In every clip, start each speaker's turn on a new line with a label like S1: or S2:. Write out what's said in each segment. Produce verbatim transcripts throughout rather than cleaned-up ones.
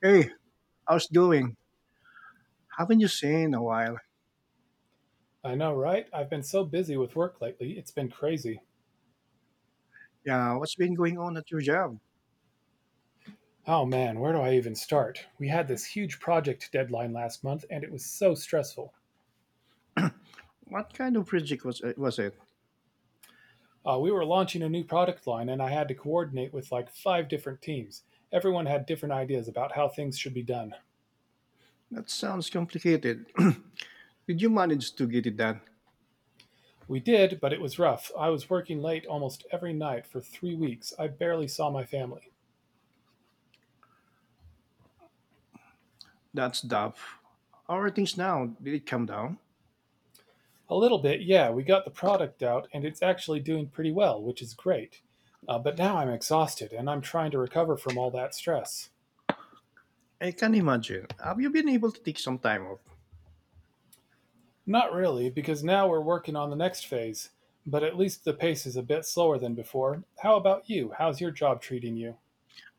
S1: Hey, how's doing? Haven't you seen in a while?
S2: I know, right? I've been so busy with work lately, it's been crazy.
S1: Yeah, what's been going on at your job?
S2: Oh man, where do I even start? We had this huge project deadline last month, and it was so stressful.
S1: What kind of project was it? Was it?
S2: Uh, we were launching a new product line, and I had to coordinate with like five different teams. Everyone had different ideas about how things should be done.
S1: That sounds complicated. Did you manage to get it done?
S2: We did, but it was rough. I was working late almost every night for three weeks. I barely saw my family.
S1: That's tough. How are things now? Did it come down?
S2: A little bit, yeah. We got the product out and it's actually doing pretty well, which is great. Uh, but now I'm exhausted and I'm trying to recover from all that stress.
S1: I can imagine. Have you been able to take some time off?
S2: Not really, because now we're working on the next phase, but at least the pace is a bit slower than before. How about you? How's your job treating you?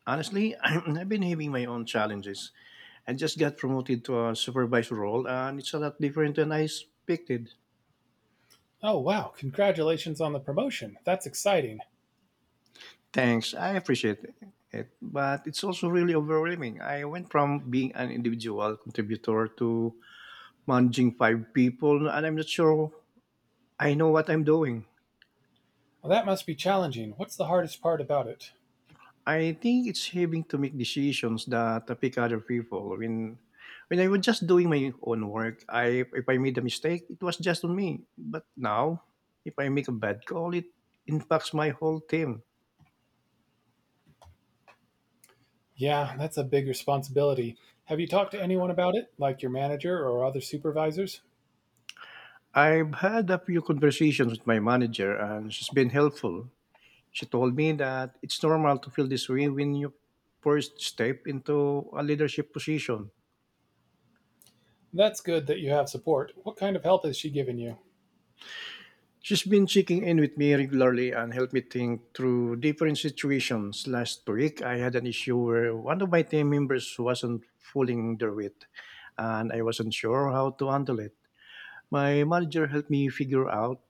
S1: Honestly, I've been having my own challenges. I just got promoted to a supervisor role, and it's a lot different than I expected.
S2: Oh, wow, congratulations on the promotion. That's exciting.
S1: Thanks. I appreciate it. But it's also really overwhelming. I went from being an individual contributor to managing five people, and I'm not sure I know what I'm doing.
S2: Well, that must be challenging. What's the hardest part about it?
S1: I think it's having to make decisions that affect other people. When when I was just doing my own work, I if I made a mistake, it was just on me. But now, if I make a bad call, it impacts my whole team.
S2: Yeah, that's a big responsibility. Have you talked to anyone about it, like your manager or other supervisors?
S1: I've had a few conversations with my manager, and she's been helpful. She told me that it's normal to feel this way when you first step into a leadership position.
S2: That's good that you have support. What kind of help has she given you?
S1: She's been checking in with me regularly and helped me think through different situations. Last week, I had an issue where one of my team members wasn't pulling their weight, and I wasn't sure how to handle it. My manager helped me figure out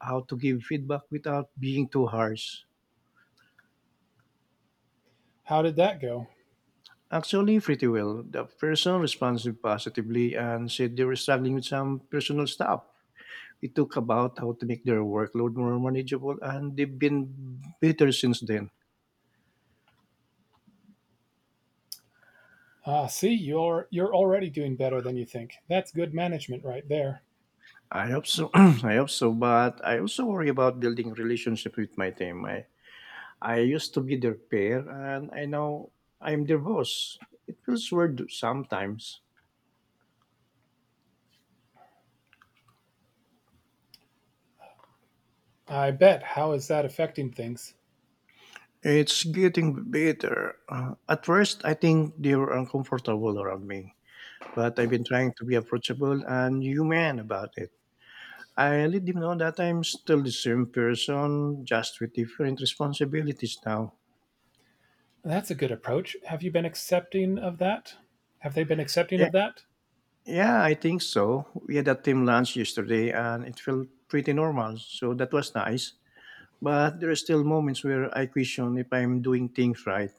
S1: how to give feedback without being too harsh.
S2: How did that go?
S1: Actually, pretty well. The person responded positively and said they were struggling with some personal stuff. It took about how to make their workload more manageable, and they've been better since then.
S2: Ah, see, you're you're already doing better than you think. That's good management right there.
S1: I hope so. I hope so, but I also worry about building relationship with my team. I, I used to be their peer, and I now I'm their boss. It feels weird sometimes.
S2: I bet. How is that affecting things?
S1: It's getting better. Uh, at first, I think they were uncomfortable around me, but I've been trying to be approachable and human about it. I let did know that I'm still the same person, just with different responsibilities now.
S2: That's a good approach. Have you been accepting of that? Have they been accepting
S1: Yeah,
S2: of that?
S1: yeah, I think so. We had a team lunch yesterday and it felt pretty normal, so that was nice. But there are still moments where I question if I'm doing things right.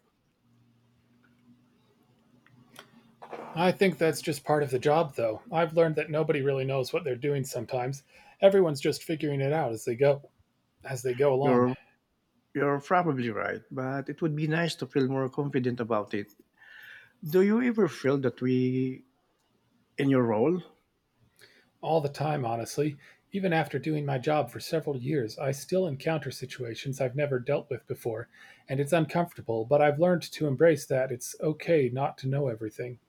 S2: I think that's just part of the job, though. I've learned that nobody really knows what they're doing sometimes. Everyone's just figuring it out as they go, as they go along.
S1: You're you're probably right, but it would be nice to feel more confident about it. Do you ever feel that we in your role?
S2: All the time, honestly. Even after doing my job for several years, I still encounter situations I've never dealt with before, and it's uncomfortable, but I've learned to embrace that it's okay not to know everything.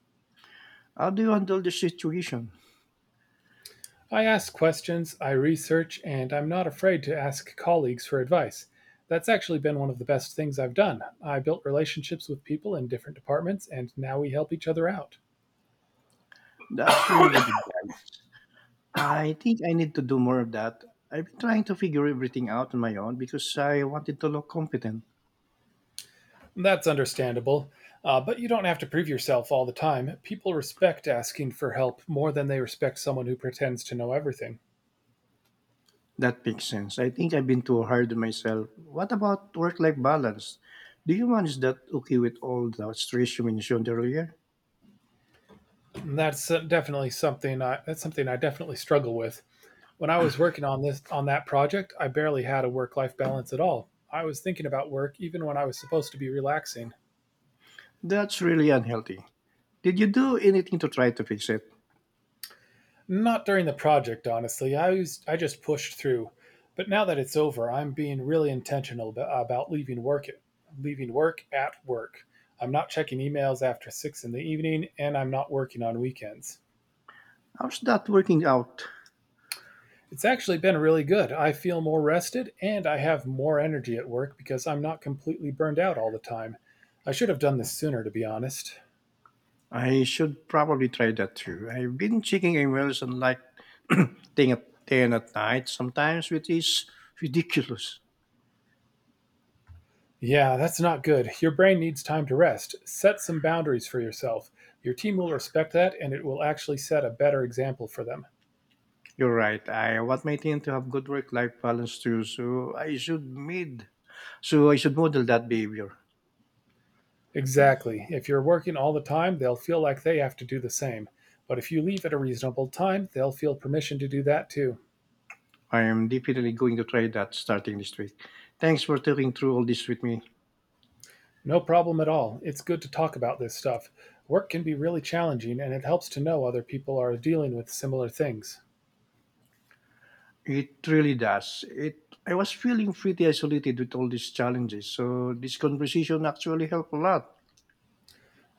S1: How do you handle the situation?
S2: I ask questions, I research, and I'm not afraid to ask colleagues for advice. That's actually been one of the best things I've done. I built relationships with people in different departments, and now we help each other out.
S1: That's really good advice. I think I need to do more of that. I've been trying to figure everything out on my own because I wanted to look competent.
S2: That's understandable, uh, but you don't have to prove yourself all the time. People respect asking for help more than they respect someone who pretends to know everything.
S1: That makes sense. I think I've been too hard on myself. What about work life balance? Do you manage that okay with all the stress you mentioned earlier?
S2: And that's uh, definitely something I that's something I definitely struggle with. When I was working on this on that project, I barely had a work-life balance at all. I was thinking about work even when I was supposed to be relaxing.
S1: That's really unhealthy. Did you do anything to try to fix it?
S2: Not during the project, honestly. I was I just pushed through. But now that it's over, I'm being really intentional about leaving work leaving work at work. I'm not checking emails after six in the evening and I'm not working on weekends.
S1: How's that working out?
S2: It's actually been really good. I feel more rested and I have more energy at work because I'm not completely burned out all the time. I should have done this sooner to be honest.
S1: I should probably try that too. I've been checking emails and like thing at ten at night sometimes, which is ridiculous.
S2: Yeah, that's not good. Your brain needs time to rest. Set some boundaries for yourself. Your team will respect that and it will actually set a better example for them.
S1: You're right. I want my team to have good work-life balance too, so I should mid. So I should model that behavior.
S2: Exactly. If you're working all the time, they'll feel like they have to do the same. But if you leave at a reasonable time, they'll feel permission to do that too.
S1: I am definitely going to try that starting this week. Thanks for talking through all this with me.
S2: No problem at all. It's good to talk about this stuff. Work can be really challenging and it helps to know other people are dealing with similar things.
S1: It really does. It. I was feeling pretty isolated with all these challenges, so this conversation actually helped a lot.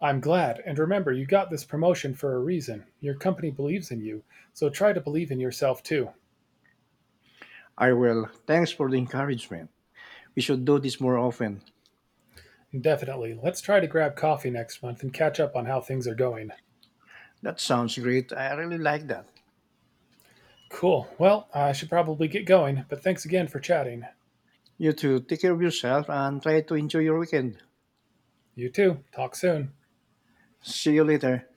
S2: I'm glad, and remember, you got this promotion for a reason. Your company believes in you, so try to believe in yourself too.
S1: I will. Thanks for the encouragement. We should do this more often.
S2: Definitely. Let's try to grab coffee next month and catch up on how things are going.
S1: That sounds great. I really like that.
S2: Cool. Well, I should probably get going, but thanks again for chatting.
S1: You too. Take care of yourself and try to enjoy your weekend.
S2: You too. Talk soon.
S1: See you later.